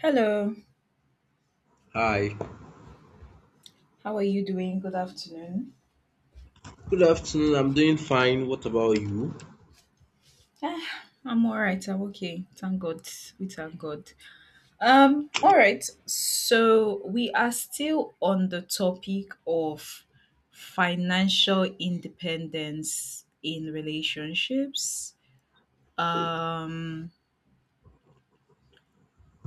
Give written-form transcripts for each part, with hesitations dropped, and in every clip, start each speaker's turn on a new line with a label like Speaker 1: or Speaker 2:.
Speaker 1: Hello,
Speaker 2: Hi,
Speaker 1: how are you doing? Good afternoon.
Speaker 2: good afternoon. I'm doing fine. What about you?
Speaker 1: I'm all right. I'm okay. Thank God. We thank God. All right. So we are still on the topic of financial independence in relationships. Um,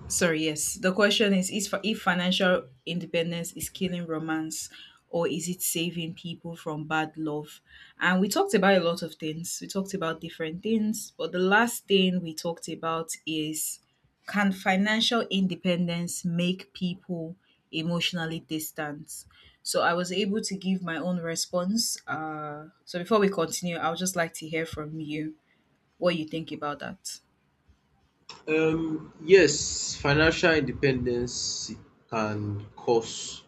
Speaker 1: Sorry, yes. The question is for if financial independence is killing romance or is it saving people from bad love? And we talked about a lot of things. We talked about different things, but the last thing we talked about is can financial independence make people emotionally distant? So I was able to give my own response. So before we continue, I would just like to hear from you what you think about that.
Speaker 2: Yes, financial independence can cause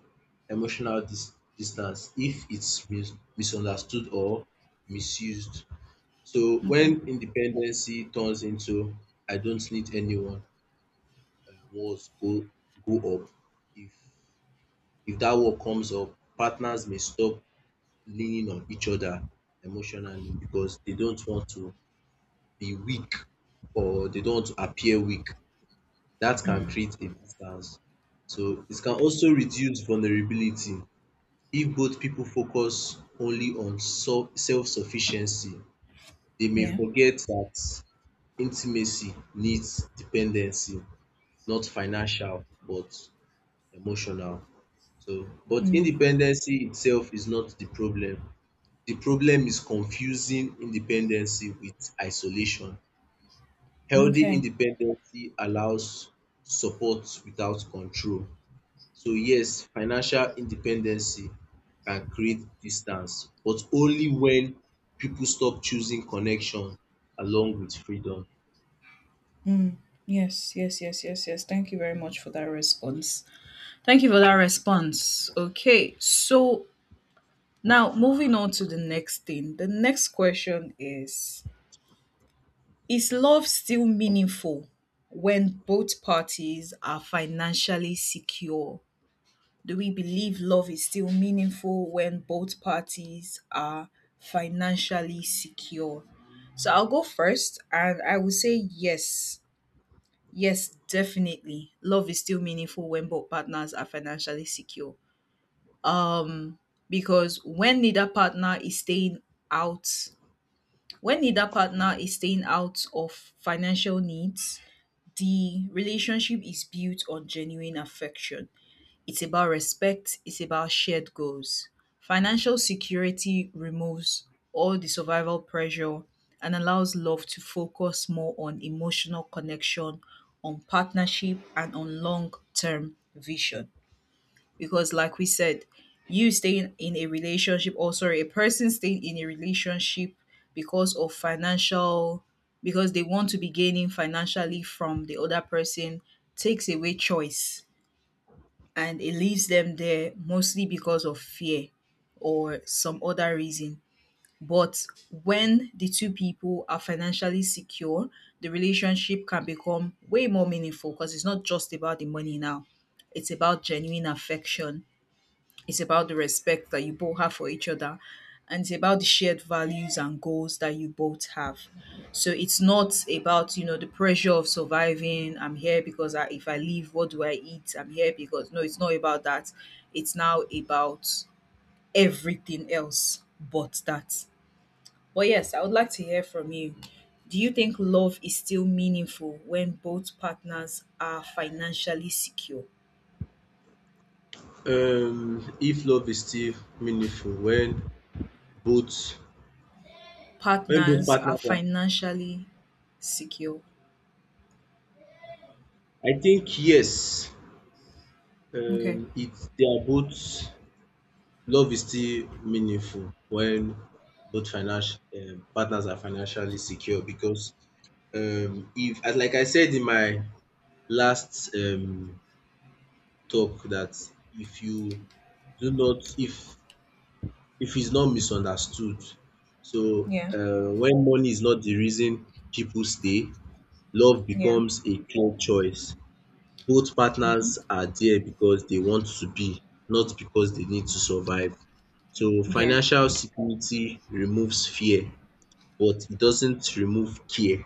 Speaker 2: emotional distance if it's misunderstood or misused. So,
Speaker 1: Okay.
Speaker 2: when independency turns into "I don't need anyone," words go up. If if that word comes up, partners may stop leaning on each other emotionally because they don't want to be weak or they don't appear weak. That can
Speaker 1: Mm.
Speaker 2: create a distance. So it can also reduce vulnerability. If both people focus only on self sufficiency, they may
Speaker 1: Yeah.
Speaker 2: forget that intimacy needs dependency, not financial but emotional. So, but
Speaker 1: Mm.
Speaker 2: independency itself is not the problem. The problem is confusing independency with isolation. Healthy
Speaker 1: Okay.
Speaker 2: independency allows support without control. So yes, financial independency can create distance, but only when people stop choosing connection along with freedom.
Speaker 1: Mm. Yes, yes, yes, yes, yes. Thank you very much for that response. Thank you for that response. Okay, so now moving on to the next thing. The next question is: Is love still meaningful when both parties are financially secure? Do we believe love is still meaningful when both parties are financially secure? So I'll go first and I will say yes. Yes, definitely. Love is still meaningful when both partners are financially secure. Because out, when neither partner is staying out of financial needs, the relationship is built on genuine affection. It's about respect, it's about shared goals. Financial security removes all the survival pressure and allows love to focus more on emotional connection, on partnership, and on long term vision. Because, like we said, you staying in a relationship, or sorry, a person staying in a relationship because of financial, because they want to be gaining financially from the other person, takes away choice and it leaves them there mostly because of fear or some other reason. But when the two people are financially secure, the relationship can become way more meaningful because it's not just about the money now. It's about genuine affection. It's about the respect that you both have for each other. And it's about the shared values and goals that you both have. So it's not about, the pressure of surviving. I'm here because if I leave, what do I eat? I'm here because, no, it's not about that. It's now about everything else but that. But yes, I would like to hear from you. Do you think love is still meaningful when both partners are financially secure?
Speaker 2: If love is still meaningful both when both
Speaker 1: Partners are
Speaker 2: partners are,
Speaker 1: financially secure.
Speaker 2: I think yes,
Speaker 1: Okay.
Speaker 2: it, they are both. Love is still meaningful when both financial partners are financially secure because, if, as like I said in my last talk, that if you do not, if it's not misunderstood, so
Speaker 1: Yeah,
Speaker 2: when money is not the reason people stay, love
Speaker 1: yeah.
Speaker 2: becomes a clear choice. Both partners are there because they want to be, not because they need to survive. So
Speaker 1: Yeah.
Speaker 2: financial security removes fear, but it doesn't remove care.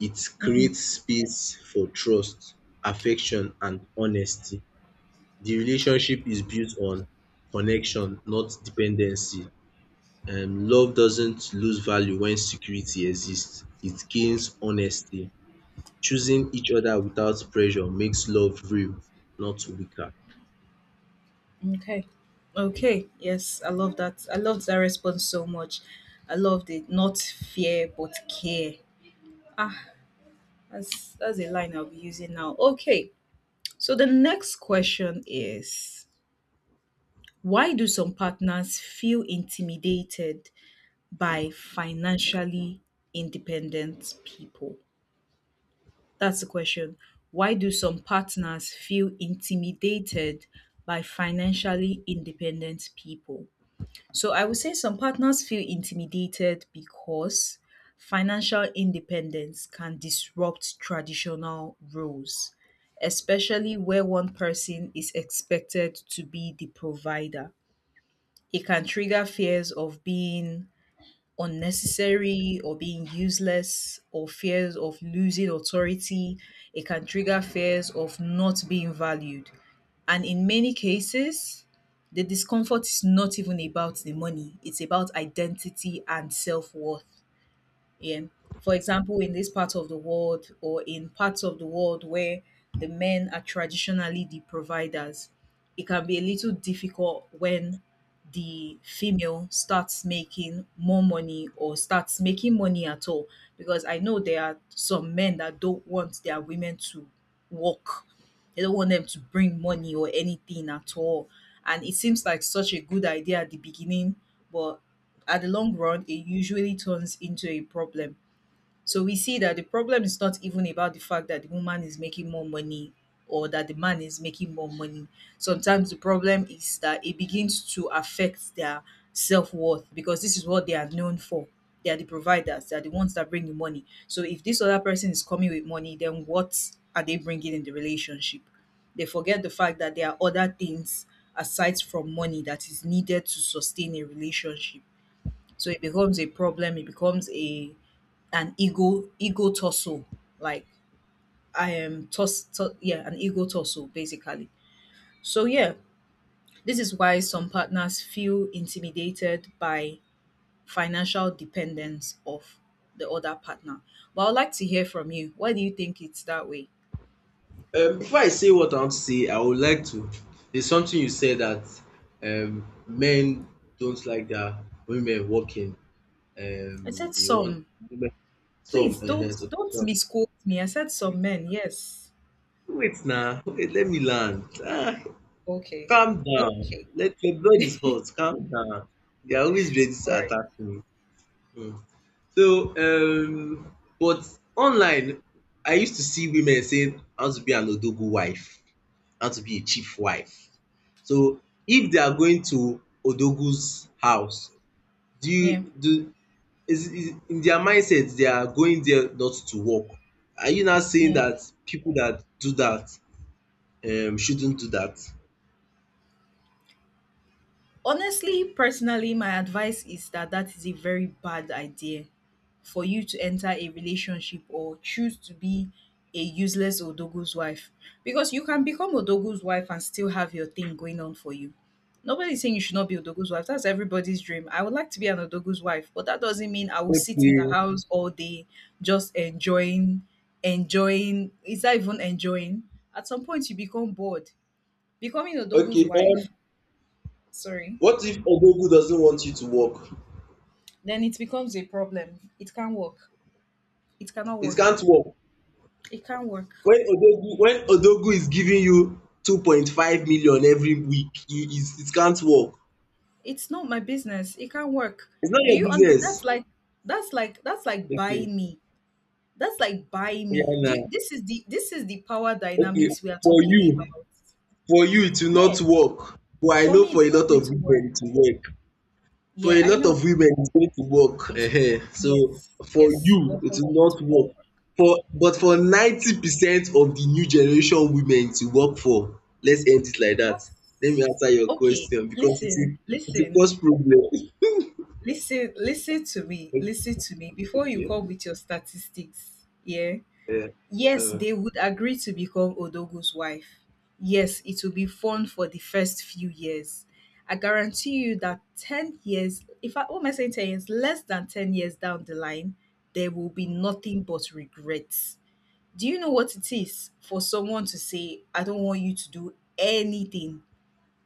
Speaker 2: It
Speaker 1: Mm.
Speaker 2: creates space for trust, affection, and honesty. The relationship is built on connection, not dependency. Love doesn't lose value when security exists. It gains honesty. Choosing each other without pressure makes love real, not weaker.
Speaker 1: Okay. Okay. Yes, I love that. I loved that response so much. I loved it. Not fear, but care. That's a line I'll be using now. Okay. So the next question is: Why do some partners feel intimidated by financially independent people? That's the question. Why do some partners feel intimidated by financially independent people? So I would say some partners feel intimidated because financial independence can disrupt traditional roles, especially where one person is expected to be the provider. It can trigger fears of being unnecessary or being useless or fears of losing authority. It can trigger fears of not being valued. And in many cases, the discomfort is not even about the money, it's about identity and self worth. Yeah. For example, in this part of the world or in parts of the world where the men are traditionally the providers, it can be a little difficult when the female starts making more money or starts making money at all. Because I know there are some men that don't want their women to work, they don't want them to bring money or anything at all. And it seems like such a good idea at the beginning, but at the long run, it usually turns into a problem. So we see that the problem is not even about the fact that the woman is making more money or that the man is making more money. Sometimes the problem is that it begins to affect their self worth because this is what they are known for. They are the providers, they are the ones that bring the money. So if this other person is coming with money, then what are they bringing in the relationship? They forget the fact that there are other things aside from money that is needed to sustain a relationship, so it becomes a problem. It becomes a an ego tussle. Like I am yeah, an ego tussle basically. So yeah, this is why some partners feel intimidated by financial dependence of the other partner. But I'd like to hear from you. Why do you think it's that way?
Speaker 2: Before I say what I want to say, I would like to. There's something you said that, men don't like their women working.
Speaker 1: I
Speaker 2: Um,
Speaker 1: said
Speaker 2: they want
Speaker 1: some.
Speaker 2: women-
Speaker 1: Please
Speaker 2: some
Speaker 1: don't
Speaker 2: enhance.
Speaker 1: don't misquote me. I said
Speaker 2: Wait,
Speaker 1: some men. Yes.
Speaker 2: wait now. Wait, let me land. Ah,
Speaker 1: Okay.
Speaker 2: calm down.
Speaker 1: Okay.
Speaker 2: Let your blood is hot. Calm down. They are always ready to
Speaker 1: All right.
Speaker 2: attack me. Mm. So, but online, I used to see women saying, "How to be an odogo wife? How to be a chief wife?" So if they are going to Odogwu's house, do you
Speaker 1: Yeah.
Speaker 2: do, is in their mindset they are going there not to work. Are you now saying
Speaker 1: Yeah.
Speaker 2: that people that do that shouldn't do that?
Speaker 1: Honestly, personally, my advice is that that is a very bad idea for you to enter a relationship or choose to be a useless Odogu's wife. Because you can become Odogu's wife and still have your thing going on for you. Nobody's saying you should not be Odogu's wife. That's everybody's dream. I would like to be an Odogu's wife, but that doesn't mean I will sit in the
Speaker 2: Okay.
Speaker 1: house all day just enjoying, enjoying. Is that even enjoying? At some point, you become bored. Becoming Odogu's
Speaker 2: Okay. Um
Speaker 1: wife, sorry,
Speaker 2: what if Odogwu doesn't want you to work?
Speaker 1: then it becomes a problem. It can't work. It cannot
Speaker 2: It
Speaker 1: work.
Speaker 2: can't work.
Speaker 1: It can't work.
Speaker 2: When Odogwu is giving you 2.5 million every week, you is, it can't work.
Speaker 1: It's not my business. It can't work.
Speaker 2: It's not
Speaker 1: Do
Speaker 2: your
Speaker 1: you understand? That's
Speaker 2: business.
Speaker 1: like that's like that's like buy
Speaker 2: Okay.
Speaker 1: me. That's like buy
Speaker 2: Yeah,
Speaker 1: me. Do you,
Speaker 2: now.
Speaker 1: this is the power
Speaker 2: Okay.
Speaker 1: dynamics we are
Speaker 2: For
Speaker 1: talking about.
Speaker 2: you, for you, it will
Speaker 1: Yeah,
Speaker 2: not work, but I
Speaker 1: for
Speaker 2: know
Speaker 1: me
Speaker 2: for
Speaker 1: it's
Speaker 2: a
Speaker 1: not
Speaker 2: lot
Speaker 1: going
Speaker 2: of
Speaker 1: to work.
Speaker 2: women it will work, for
Speaker 1: Yeah,
Speaker 2: a
Speaker 1: I
Speaker 2: lot
Speaker 1: know.
Speaker 2: of women it's going to work,
Speaker 1: It's
Speaker 2: so
Speaker 1: Yes,
Speaker 2: for
Speaker 1: yes,
Speaker 2: you
Speaker 1: but
Speaker 2: it
Speaker 1: for
Speaker 2: will
Speaker 1: me it
Speaker 2: not
Speaker 1: will
Speaker 2: work,
Speaker 1: not work.
Speaker 2: for but for
Speaker 1: Yeah,
Speaker 2: 90% of the new generation women it will work, for let's end it like that. Let me
Speaker 1: that's
Speaker 2: answer your
Speaker 1: okay.
Speaker 2: question, because it will
Speaker 1: Listen,
Speaker 2: it will
Speaker 1: listen.
Speaker 2: cause problem.
Speaker 1: Listen, listen to me, listen to me. Before you
Speaker 2: Okay.
Speaker 1: come with your statistics, yeah,
Speaker 2: Yeah.
Speaker 1: yes,
Speaker 2: um
Speaker 1: they would agree to become Odogo's wife. Yes, it will be fun for the first few years. I guarantee you that 10 years, if I, what am I saying, 10 years? Less than 10 years down the line, there will be nothing but regrets. Do you know what it is for someone to say, I don't want you to do anything,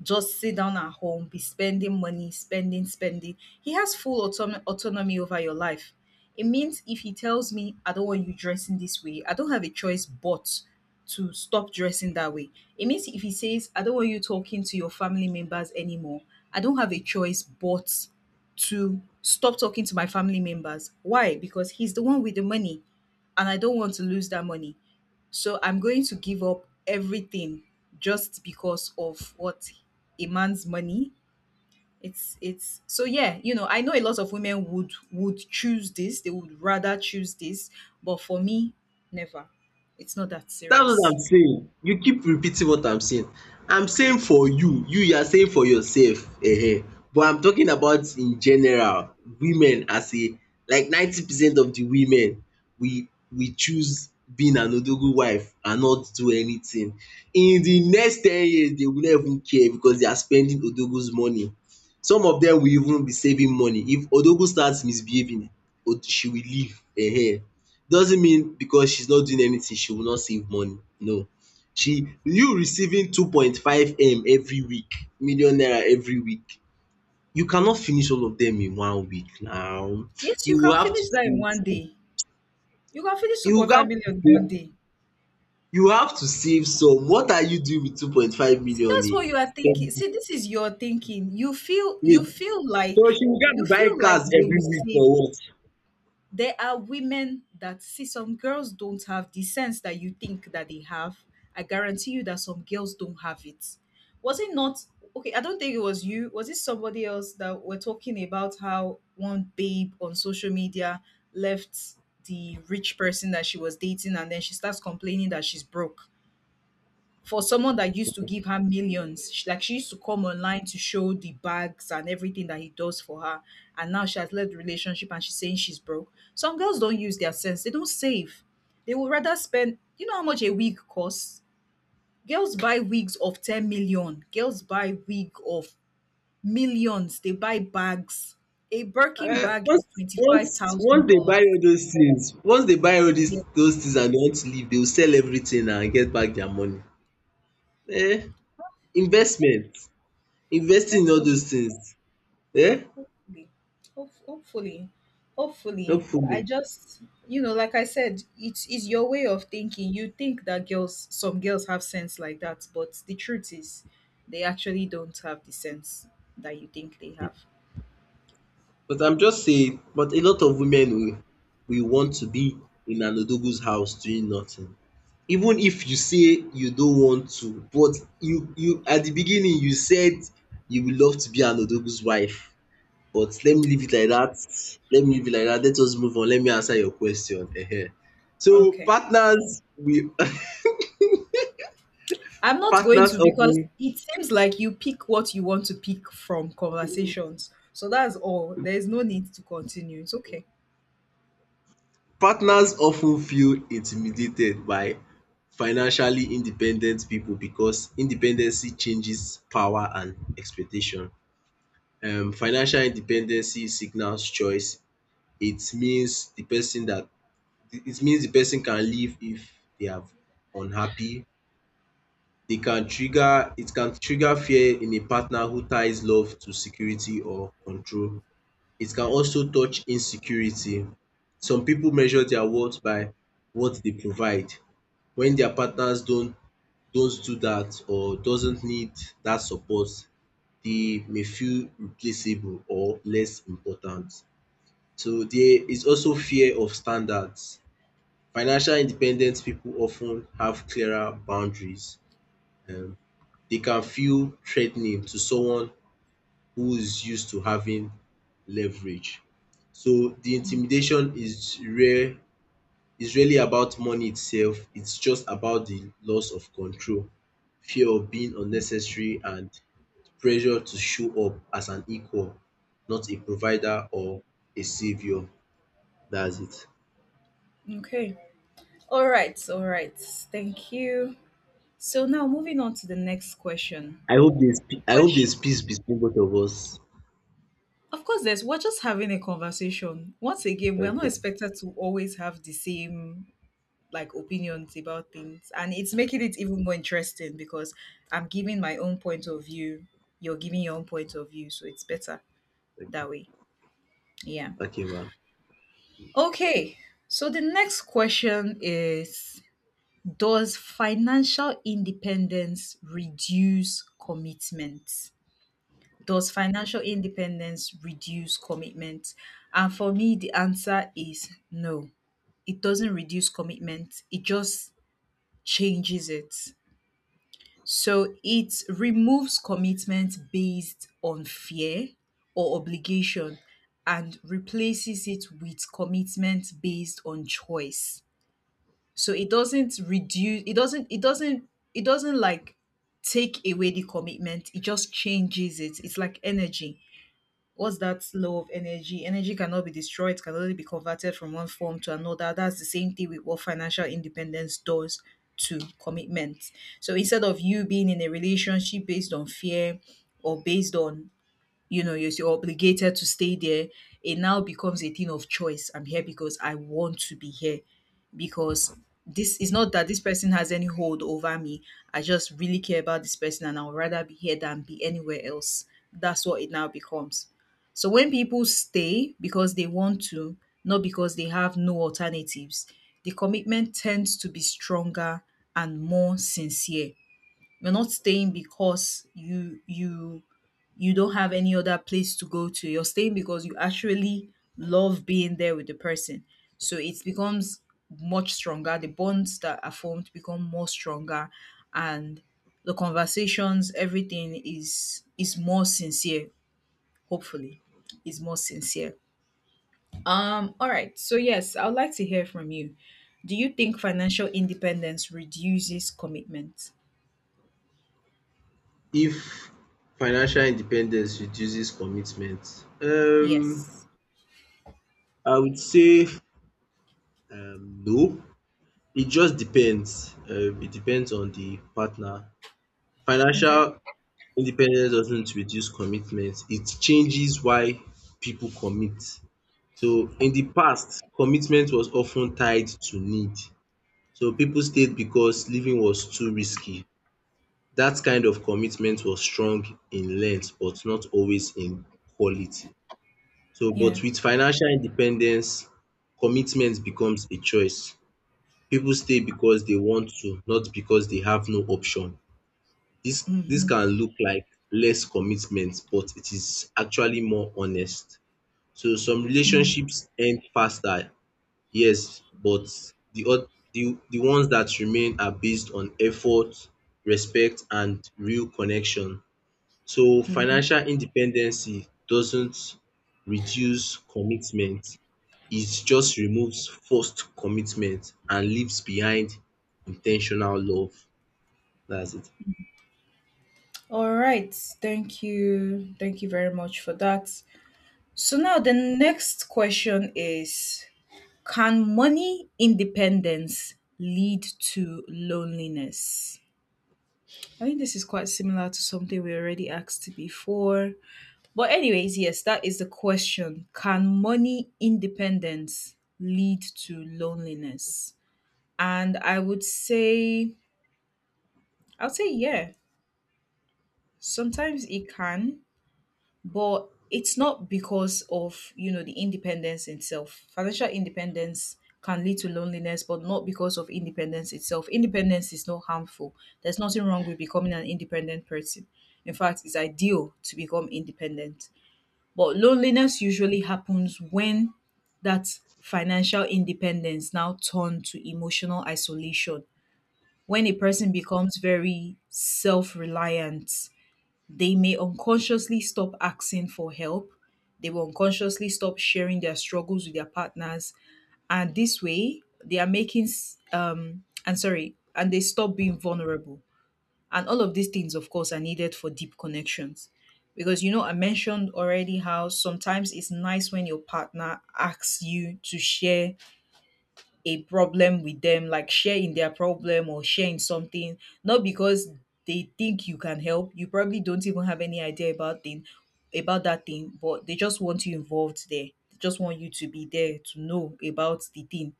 Speaker 1: just sit down at home, be spending money, spending, spending. He has full autonomy over your life. It means if he tells me, I don't want you dressing this way, I don't have a choice but to stop dressing that way. It means if he says, I don't want you talking to your family members anymore, I don't have a choice but to stop talking to my family members. Why? Because he's the one with the money and I don't want to lose that money. So I'm going to give up everything just because of what, a man's money. It's so yeah, I know a lot of women would choose this. They would rather choose this, but for me, never. It's not that
Speaker 2: That's what
Speaker 1: serious.
Speaker 2: I'm saying. You keep repeating what I'm saying. I'm saying for you, you are saying for yourself. But I'm talking about in general, women as a, like 90% of the women, we choose being an odogo wife and not do anything. In the next 10 years, they will not even care because they are spending odogo's money. Some of dem will even be saving money. If odogo starts misbehaving, she will leave. um doesn't mean because she's not doing anything she will not save money, no. She, you receiving 2.5 m every week, million naira every week, you cannot finish all of them in one week now.
Speaker 1: Yes, you
Speaker 2: You will
Speaker 1: can
Speaker 2: have to
Speaker 1: finish that in
Speaker 2: save
Speaker 1: one
Speaker 2: some.
Speaker 1: day. You can finish
Speaker 2: You will
Speaker 1: 2.5
Speaker 2: have
Speaker 1: million
Speaker 2: to
Speaker 1: in one
Speaker 2: save,
Speaker 1: day.
Speaker 2: you have to save some. What are you doing with two point five
Speaker 1: See, that's
Speaker 2: million
Speaker 1: what you are
Speaker 2: a
Speaker 1: thinking. See, this is your thinking. You feel you
Speaker 2: wait
Speaker 1: feel
Speaker 2: so
Speaker 1: like
Speaker 2: she will just be
Speaker 1: you
Speaker 2: buying
Speaker 1: feel like
Speaker 2: cars
Speaker 1: they
Speaker 2: every
Speaker 1: will
Speaker 2: week for
Speaker 1: save.
Speaker 2: what?
Speaker 1: There are women that, see, some girls don't have the sense that you think that they have. I guarantee you that some girls don't have it. Was it not, okay, I don't think it was you. Was it somebody else that were talking about how one babe on social media left the rich person that she was dating and then she starts complaining that she's broke? For someone that used to give her millions. She, like she used to come online to show the bags and everything that he does for her. And now she has left the relationship and she's saying she's broke. Some girls don't use their sense. They don't save. They would rather spend. You know how much a wig costs? Girls buy wigs of 10 million. Girls buy wig of millions. They buy bags. A Birkin
Speaker 2: um
Speaker 1: bag is
Speaker 2: once once once dey buy
Speaker 1: $25,000.
Speaker 2: all those tins, once dey buy all dis
Speaker 1: Yeah,
Speaker 2: those tins and dey want to leave, dey go sell everytin and get back dia money. um Investment, investing in all
Speaker 1: hopefully.
Speaker 2: those tins, um
Speaker 1: hopefully Hope- hopefully I
Speaker 2: hopefully.
Speaker 1: just, like I said, it's is your way of thinking. You think that girls some girls have sense like that, but the truth is they actually don't have the sense that you think they have.
Speaker 2: But I'm just saying, but a lot of women will want to be in an odogo's house doing nothing. Even if you say you don't want to, but you at the beginning, you said you will love to be an odogo's wife. But let me leave it like that. Let me leave it like that. Let us move on, let me answer your question. So
Speaker 1: Okay,
Speaker 2: partners we
Speaker 1: I'm not going
Speaker 2: partners
Speaker 1: to, because
Speaker 2: often
Speaker 1: it seems like you pick what you want to pick from conversations, so that's all. There's no need to continue. It's okay.
Speaker 2: partners often feel intimidated by financially independent people because independency changes power and expectation. Financial independency signals choice. It means the person that it means the person can leave if they are unhappy. They can trigger It can trigger fear in a partner who ties love to security or control. It can also touch insecurity. Some people measure their worth by what they provide. When their partners don't do that or doesn't need that support, they may feel replaceable or less important. So there is also fear of standards. Financial independent people often have clearer boundaries. um they can feel threatening to someone who is used to having leverage. So the intimidation is rare is really about money itself. It's just about the loss of control, fear of being unnecessary, and pressure to show up as an equal, not a provider or a savior. That's it.
Speaker 1: Okay. All right, all right, thank you. So now moving on to the next question.
Speaker 2: I hope there's
Speaker 1: Questions.
Speaker 2: peace between both of us.
Speaker 1: Of course, there's we're just having a conversation. Once again, we are not
Speaker 2: Okay.
Speaker 1: expected to always have the same like opinions about things, and it's making it even more interesting because I'm giving my own point of view. You're giving your own point of view, so it's better
Speaker 2: Okay,
Speaker 1: that way. Yeah.
Speaker 2: okay, ma.
Speaker 1: Okay. So the next question is: Does financial independence reduce commitment? Does financial independence reduce commitment? And for me, the answer is no. It doesn't reduce commitment, it just changes it. So it removes commitment based on fear or obligation and replaces it with commitment based on choice. So it doesn't reduce it doesn't it doesn't it doesn't like take away the commitment. It just changes it. It's like energy, what's that law of energy? Energy cannot be destroyed, it can only be converted from one form to another. That's the same thing with what financial independence does to commitment. So instead of you being in a relationship based on fear or based on yes, you're obligated to stay there. It now becomes a thing of choice. I'm here because I want to be here. Because this is not that this person has any hold over me. I just really care about this person and I would rather be here than be anywhere else. That's what it now becomes. So when people stay because they want to, not because they have no alternatives, the commitment tends to be stronger and more sincere. You're not staying because you don't have any other place to go to. You're staying because you actually love being there with the person. So it becomes much stronger. The bonds that are formed become more stronger, and the conversations, everything is more sincere, hopefully. Is more sincere. All right. So yes, I would like to hear from you. Do you think financial independence reduces commitment?
Speaker 2: If financial independence reduces commitment?
Speaker 1: Yes.
Speaker 2: I would say, no. It just depends. It depends on the partner.
Speaker 1: Okay.
Speaker 2: Financial independence doesn't reduce commitment. It changes why people commit. So in the past, commitment was often tied to need. So people stayed because living was too risky. That kind of commitment was strong in length but not always in quality. So, but
Speaker 1: Yeah.
Speaker 2: with financial independence, commitment becomes a choice. People stay because they want to, not because they have no option. This
Speaker 1: Hmm.
Speaker 2: can look like less commitment, but it is actually more honest. So some
Speaker 1: Yeah.
Speaker 2: relationships end faster, yes, but the oth- the ones that remain are based on effort, respect, and real connection. So
Speaker 1: Hmm.
Speaker 2: financial independency doesn't reduce commitment, it just removes forced commitment and leaves behind in ten tional love. That's it.
Speaker 1: All right. Thank you. Thank you very much for that. So now the next question is: Can money independence lead to loneliness? I think this is quite similar to something we already asked before. But, anyways, yes, that is the question. Can money independence lead to loneliness? And I would say, yeah. Sometimes it can, but it's not because of, the independence itself. Financial independence can lead to loneliness, but not because of independence itself. Independence is not harmful. There's nothing wrong with becoming an independent person. In fact, it's ideal to become independent. But loneliness usually happens when that financial independence now turn to emotional isolation. When a person becomes very self-reliant, they may unconsciously stop asking for help. They will unconsciously stop sharing their struggles with their partners. And this way, they are making, and they stop being vulnerable. And all of these things, of course, are needed for deep connections. Because, I mentioned already how sometimes it's nice when your partner asks you to share a problem with them, like share in their problem or share in something, not because they think you can help. You probably don't even have any idea about that thing, but they just want you involved there. They just want you to be there to know about the thing.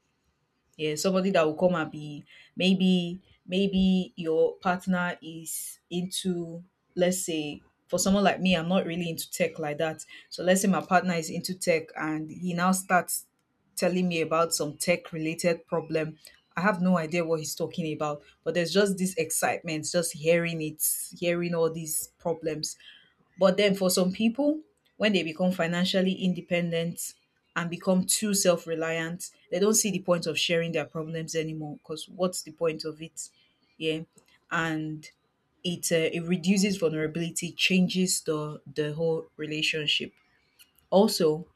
Speaker 1: Yeah, somebody that will come and be, maybe maybe your partner is into, let's say, for someone like me, I'm not really into tech like that. So let's say my partner is into tech and he now starts telling me about some tech related problem. I have no idea what he's talking about, but there's just this excitement just hearing it, hearing all these problems. But then for some people, when they become financially independent and become too self reliant, they don't see the point of sharing their problems anymore because what's the point of it? Yeah. And it reduces vulnerability, changes the whole relationship. Also,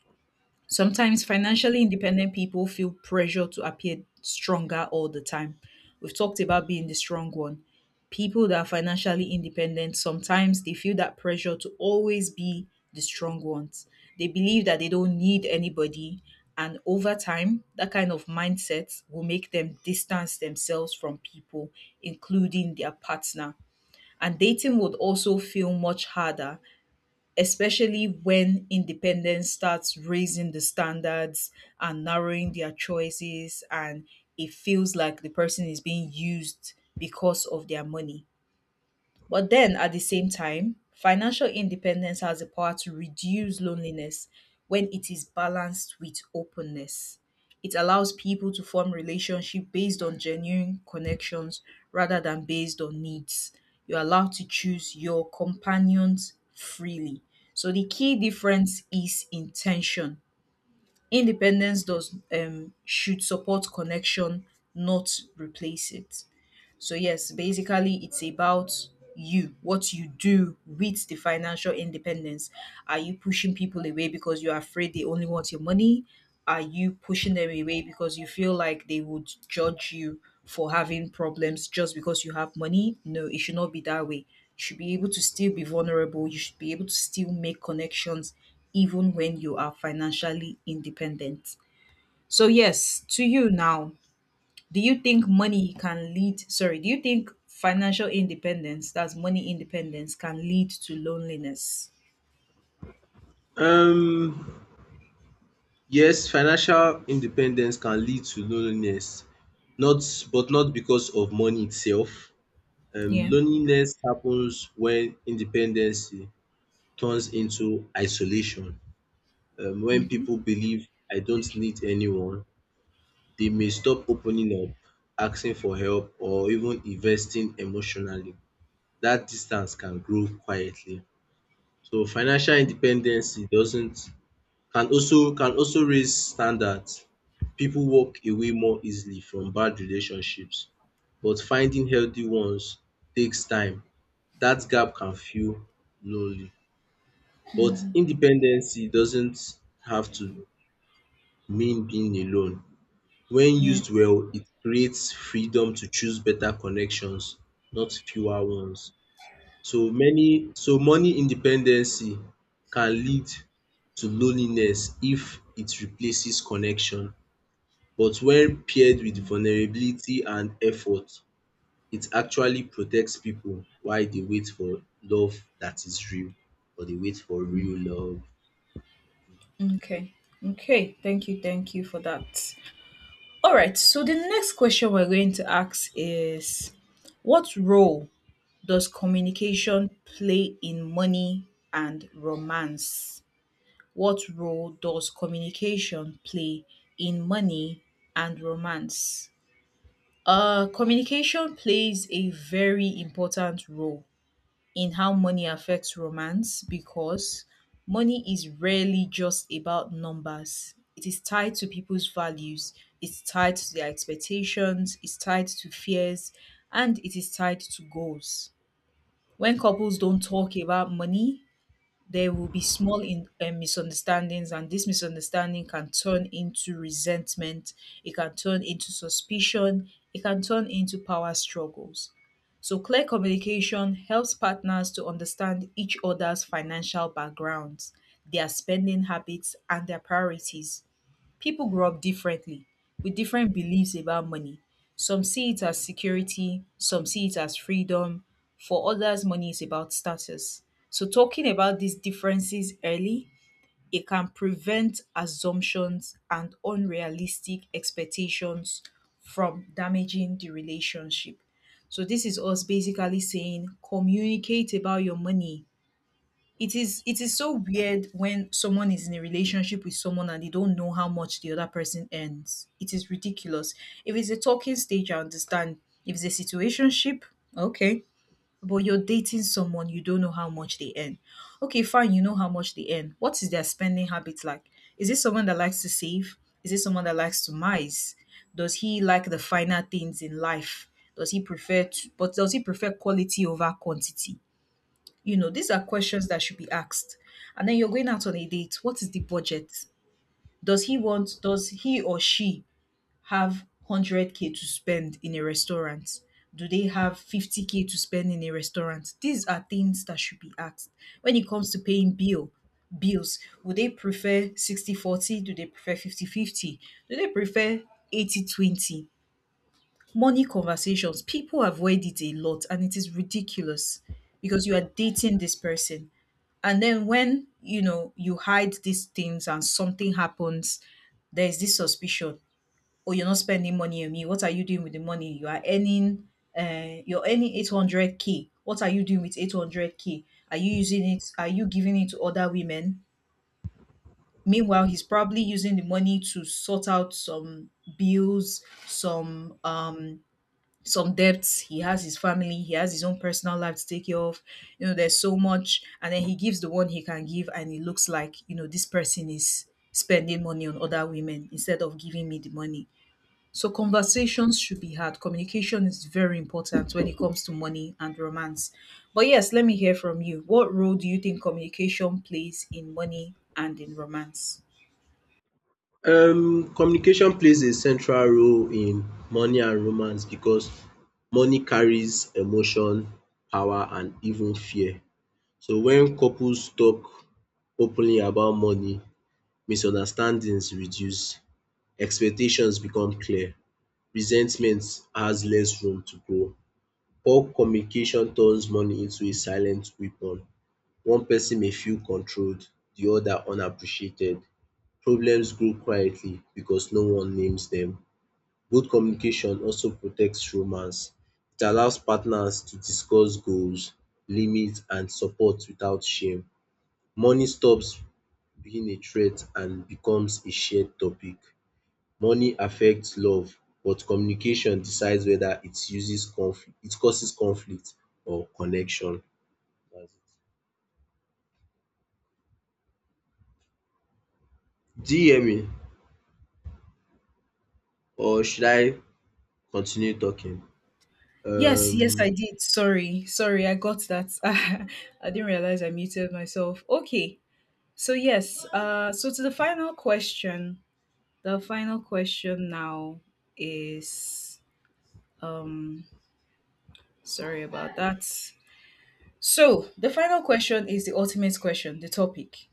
Speaker 1: sometimes financially independent people feel pressure to appear stronger all the time. We've talked about being the strong one. People that are financially independent sometimes they feel that pressure to always be the strong ones. They believe that they don't need anybody, and over time, that kind of mindset will make them distance themselves from people, including their partner. And dating would also feel much harder, especially when independence starts raising the standards and narrowing their choices, and it feels like the person is being used because of their money. But then at the same time, financial independence has the power to reduce loneliness when it is balanced with openness. It allows people to form relationships based on genuine connections rather than based on needs. You're allowed to choose your companions freely. So the key difference is intention. Independence does should support connection, not replace it. So yes, basically it's about you, what you do with the financial independence. Are you pushing people away because you're afraid they only want your money? Are you pushing them away because you feel like they would judge you for having problems just because you have money? No, it should not be that way. You should be able to still be vulnerable. You should be able to still make connections even when you are financially independent. So yes, to you now. Do you think money can lead, sorry, do you think financial independence, that's money independence, can lead to loneliness?
Speaker 2: Um yes, financial independence can lead to loneliness, not but not because of money itself. Um
Speaker 1: Yeah.
Speaker 2: loneliness happens when independency turns into isolation. When people believe "I don't need anyone," they may stop opening up, asking for help, or even investing emotionally. That distance can grow quietly. So financial independency doesn't can also raise standards. People walk away more easily from bad relationships, but finding healthy ones takes time. That gap can feel lonely. But independency doesn't have to mean being alone. When
Speaker 1: Yeah.
Speaker 2: used well, it creates freedom to choose better connections, not fewer ones. So money independency can lead to loneliness if it replaces connection. But when paired with vulnerability and effort, it actually protects people while they wait for love that is real, or they wait for real love.
Speaker 1: Okay. Okay. Thank you. Thank you for that. All right. So the next question we're going to ask is: What role does communication play in money and romance? What role does communication play in money and romance? Communication plays a very important role in how money affects romance because money is rarely just about numbers. It is tied to people's values, it's tied to their expectations, it's tied to fears, and it is tied to goals. When couples don't talk about money, there will be small misunderstandings, and this misunderstanding can turn into resentment. It can turn into suspicion. It can turn into power struggles. So clear communication helps partners to understand each other's financial backgrounds, their spending habits, and their priorities. People grow up differently with different beliefs about money. Some see it as security, some see it as freedom. For others, money is about status. So, talking about these differences early, it can prevent assumptions and unrealistic expectations from damaging the relationship. So, this is us basically saying communicate about your money. It is so weird when someone is in a relationship with someone and they don't know how much the other person earns. It is ridiculous. If it's a talking stage, I understand. If it's a situationship, okay. But you're dating someone, you don't know how much they earn. Okay, fine, you know how much they earn. What is their spending habits like? Is it someone that likes to save? Is it someone that likes to mise? Does he like the finer things in life? Does he prefer quality over quantity? You know, these are questions that should be asked. And then you're going out on a date. What is the budget? Does he or she have 100K to spend in a restaurant? Do they have 50K to spend in a restaurant? These are things that should be asked. When it comes to paying bills, would they prefer 60/40? Do they prefer 50/50? Do they prefer 80/20? Money conversations, people avoid it a lot, and it is ridiculous. Because you are dating this person, and then when you hide these things and something happens, there is this suspicion. Oh, you're not spending money on me. What are you doing with the money you are earning? You're earning 800K. What are you doing with 800K? Are you using it? Are you giving it to other women? Meanwhile, he's probably using the money to sort out some bills, some debts. He has his family. He has his own personal life to take care of. There's so much, and then he gives the one he can give, and it looks like this person is spending money on other women instead of giving me the money. So conversations should be had. Communication is very important when it comes to money and romance. But yes, let me hear from you. What role do you think communication plays in money and in romance?
Speaker 2: Communication plays a central role in money and romance because money carries emotion, power, and even fear. So when couples talk openly about money, misunderstandings reduce, expectations become clear, resentment has less room to grow. Poor communication turns money into a silent weapon. One person may feel controlled, the other unappreciated. Problems grow quietly because no one names dem. Good communication also protects romance. It allows partners to discuss goals, limits, and support without shame. Money stops being a threat and becomes a shared topic. Money affects love, but communication decides whether it causes conflict or connection. That's it. Do you hear me, or should I continue talking?
Speaker 1: Yes, yes, I
Speaker 2: Um
Speaker 1: did. Sorry, sorry, I got that. I didn't realize I muted myself. Okay, so yes, so to the final question. The final question now is, um sorry about that. So the final question is the ultimate question, the topic.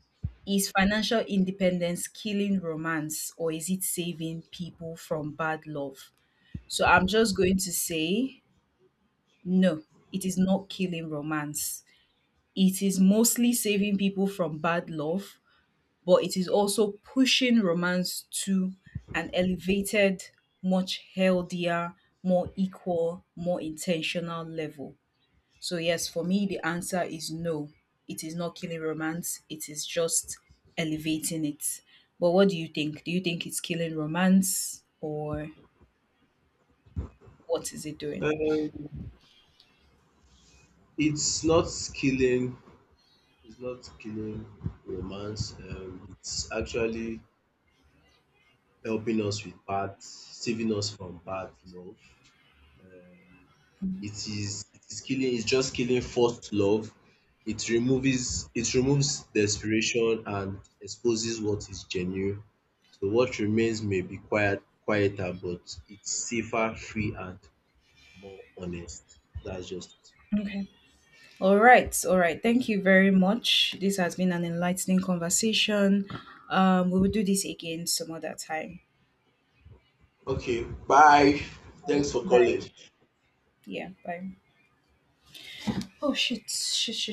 Speaker 1: Is financial independence killing romance, or is it saving people from bad love? So I'm just going to say no, it is not killing romance. It is mostly saving people from bad love, but it is also pushing romance to an elevated, much healthier, more equal, more intentional level. So, yes, for me, the answer is no. It is not killing romance, it is just elevating it. But what do you think? Do you think it's killing romance, or what is it doing?
Speaker 2: um it's not killing It's not killing romance. It's actually helping us with bad, saving us from bad love. Um, it is killing. It's just killing forced love. It removes desperation and exposes what is genuine. So what remains may be quieter, but it's safer, free, and more honest. That's just it.
Speaker 1: Okay. All right. All right. Thank you very much. This has been an enlightening conversation. We will do this again some other time.
Speaker 2: Okay, bye. Thanks for calling.
Speaker 1: Bye. Yeah, bye. Oh shit, shit, shit, shit.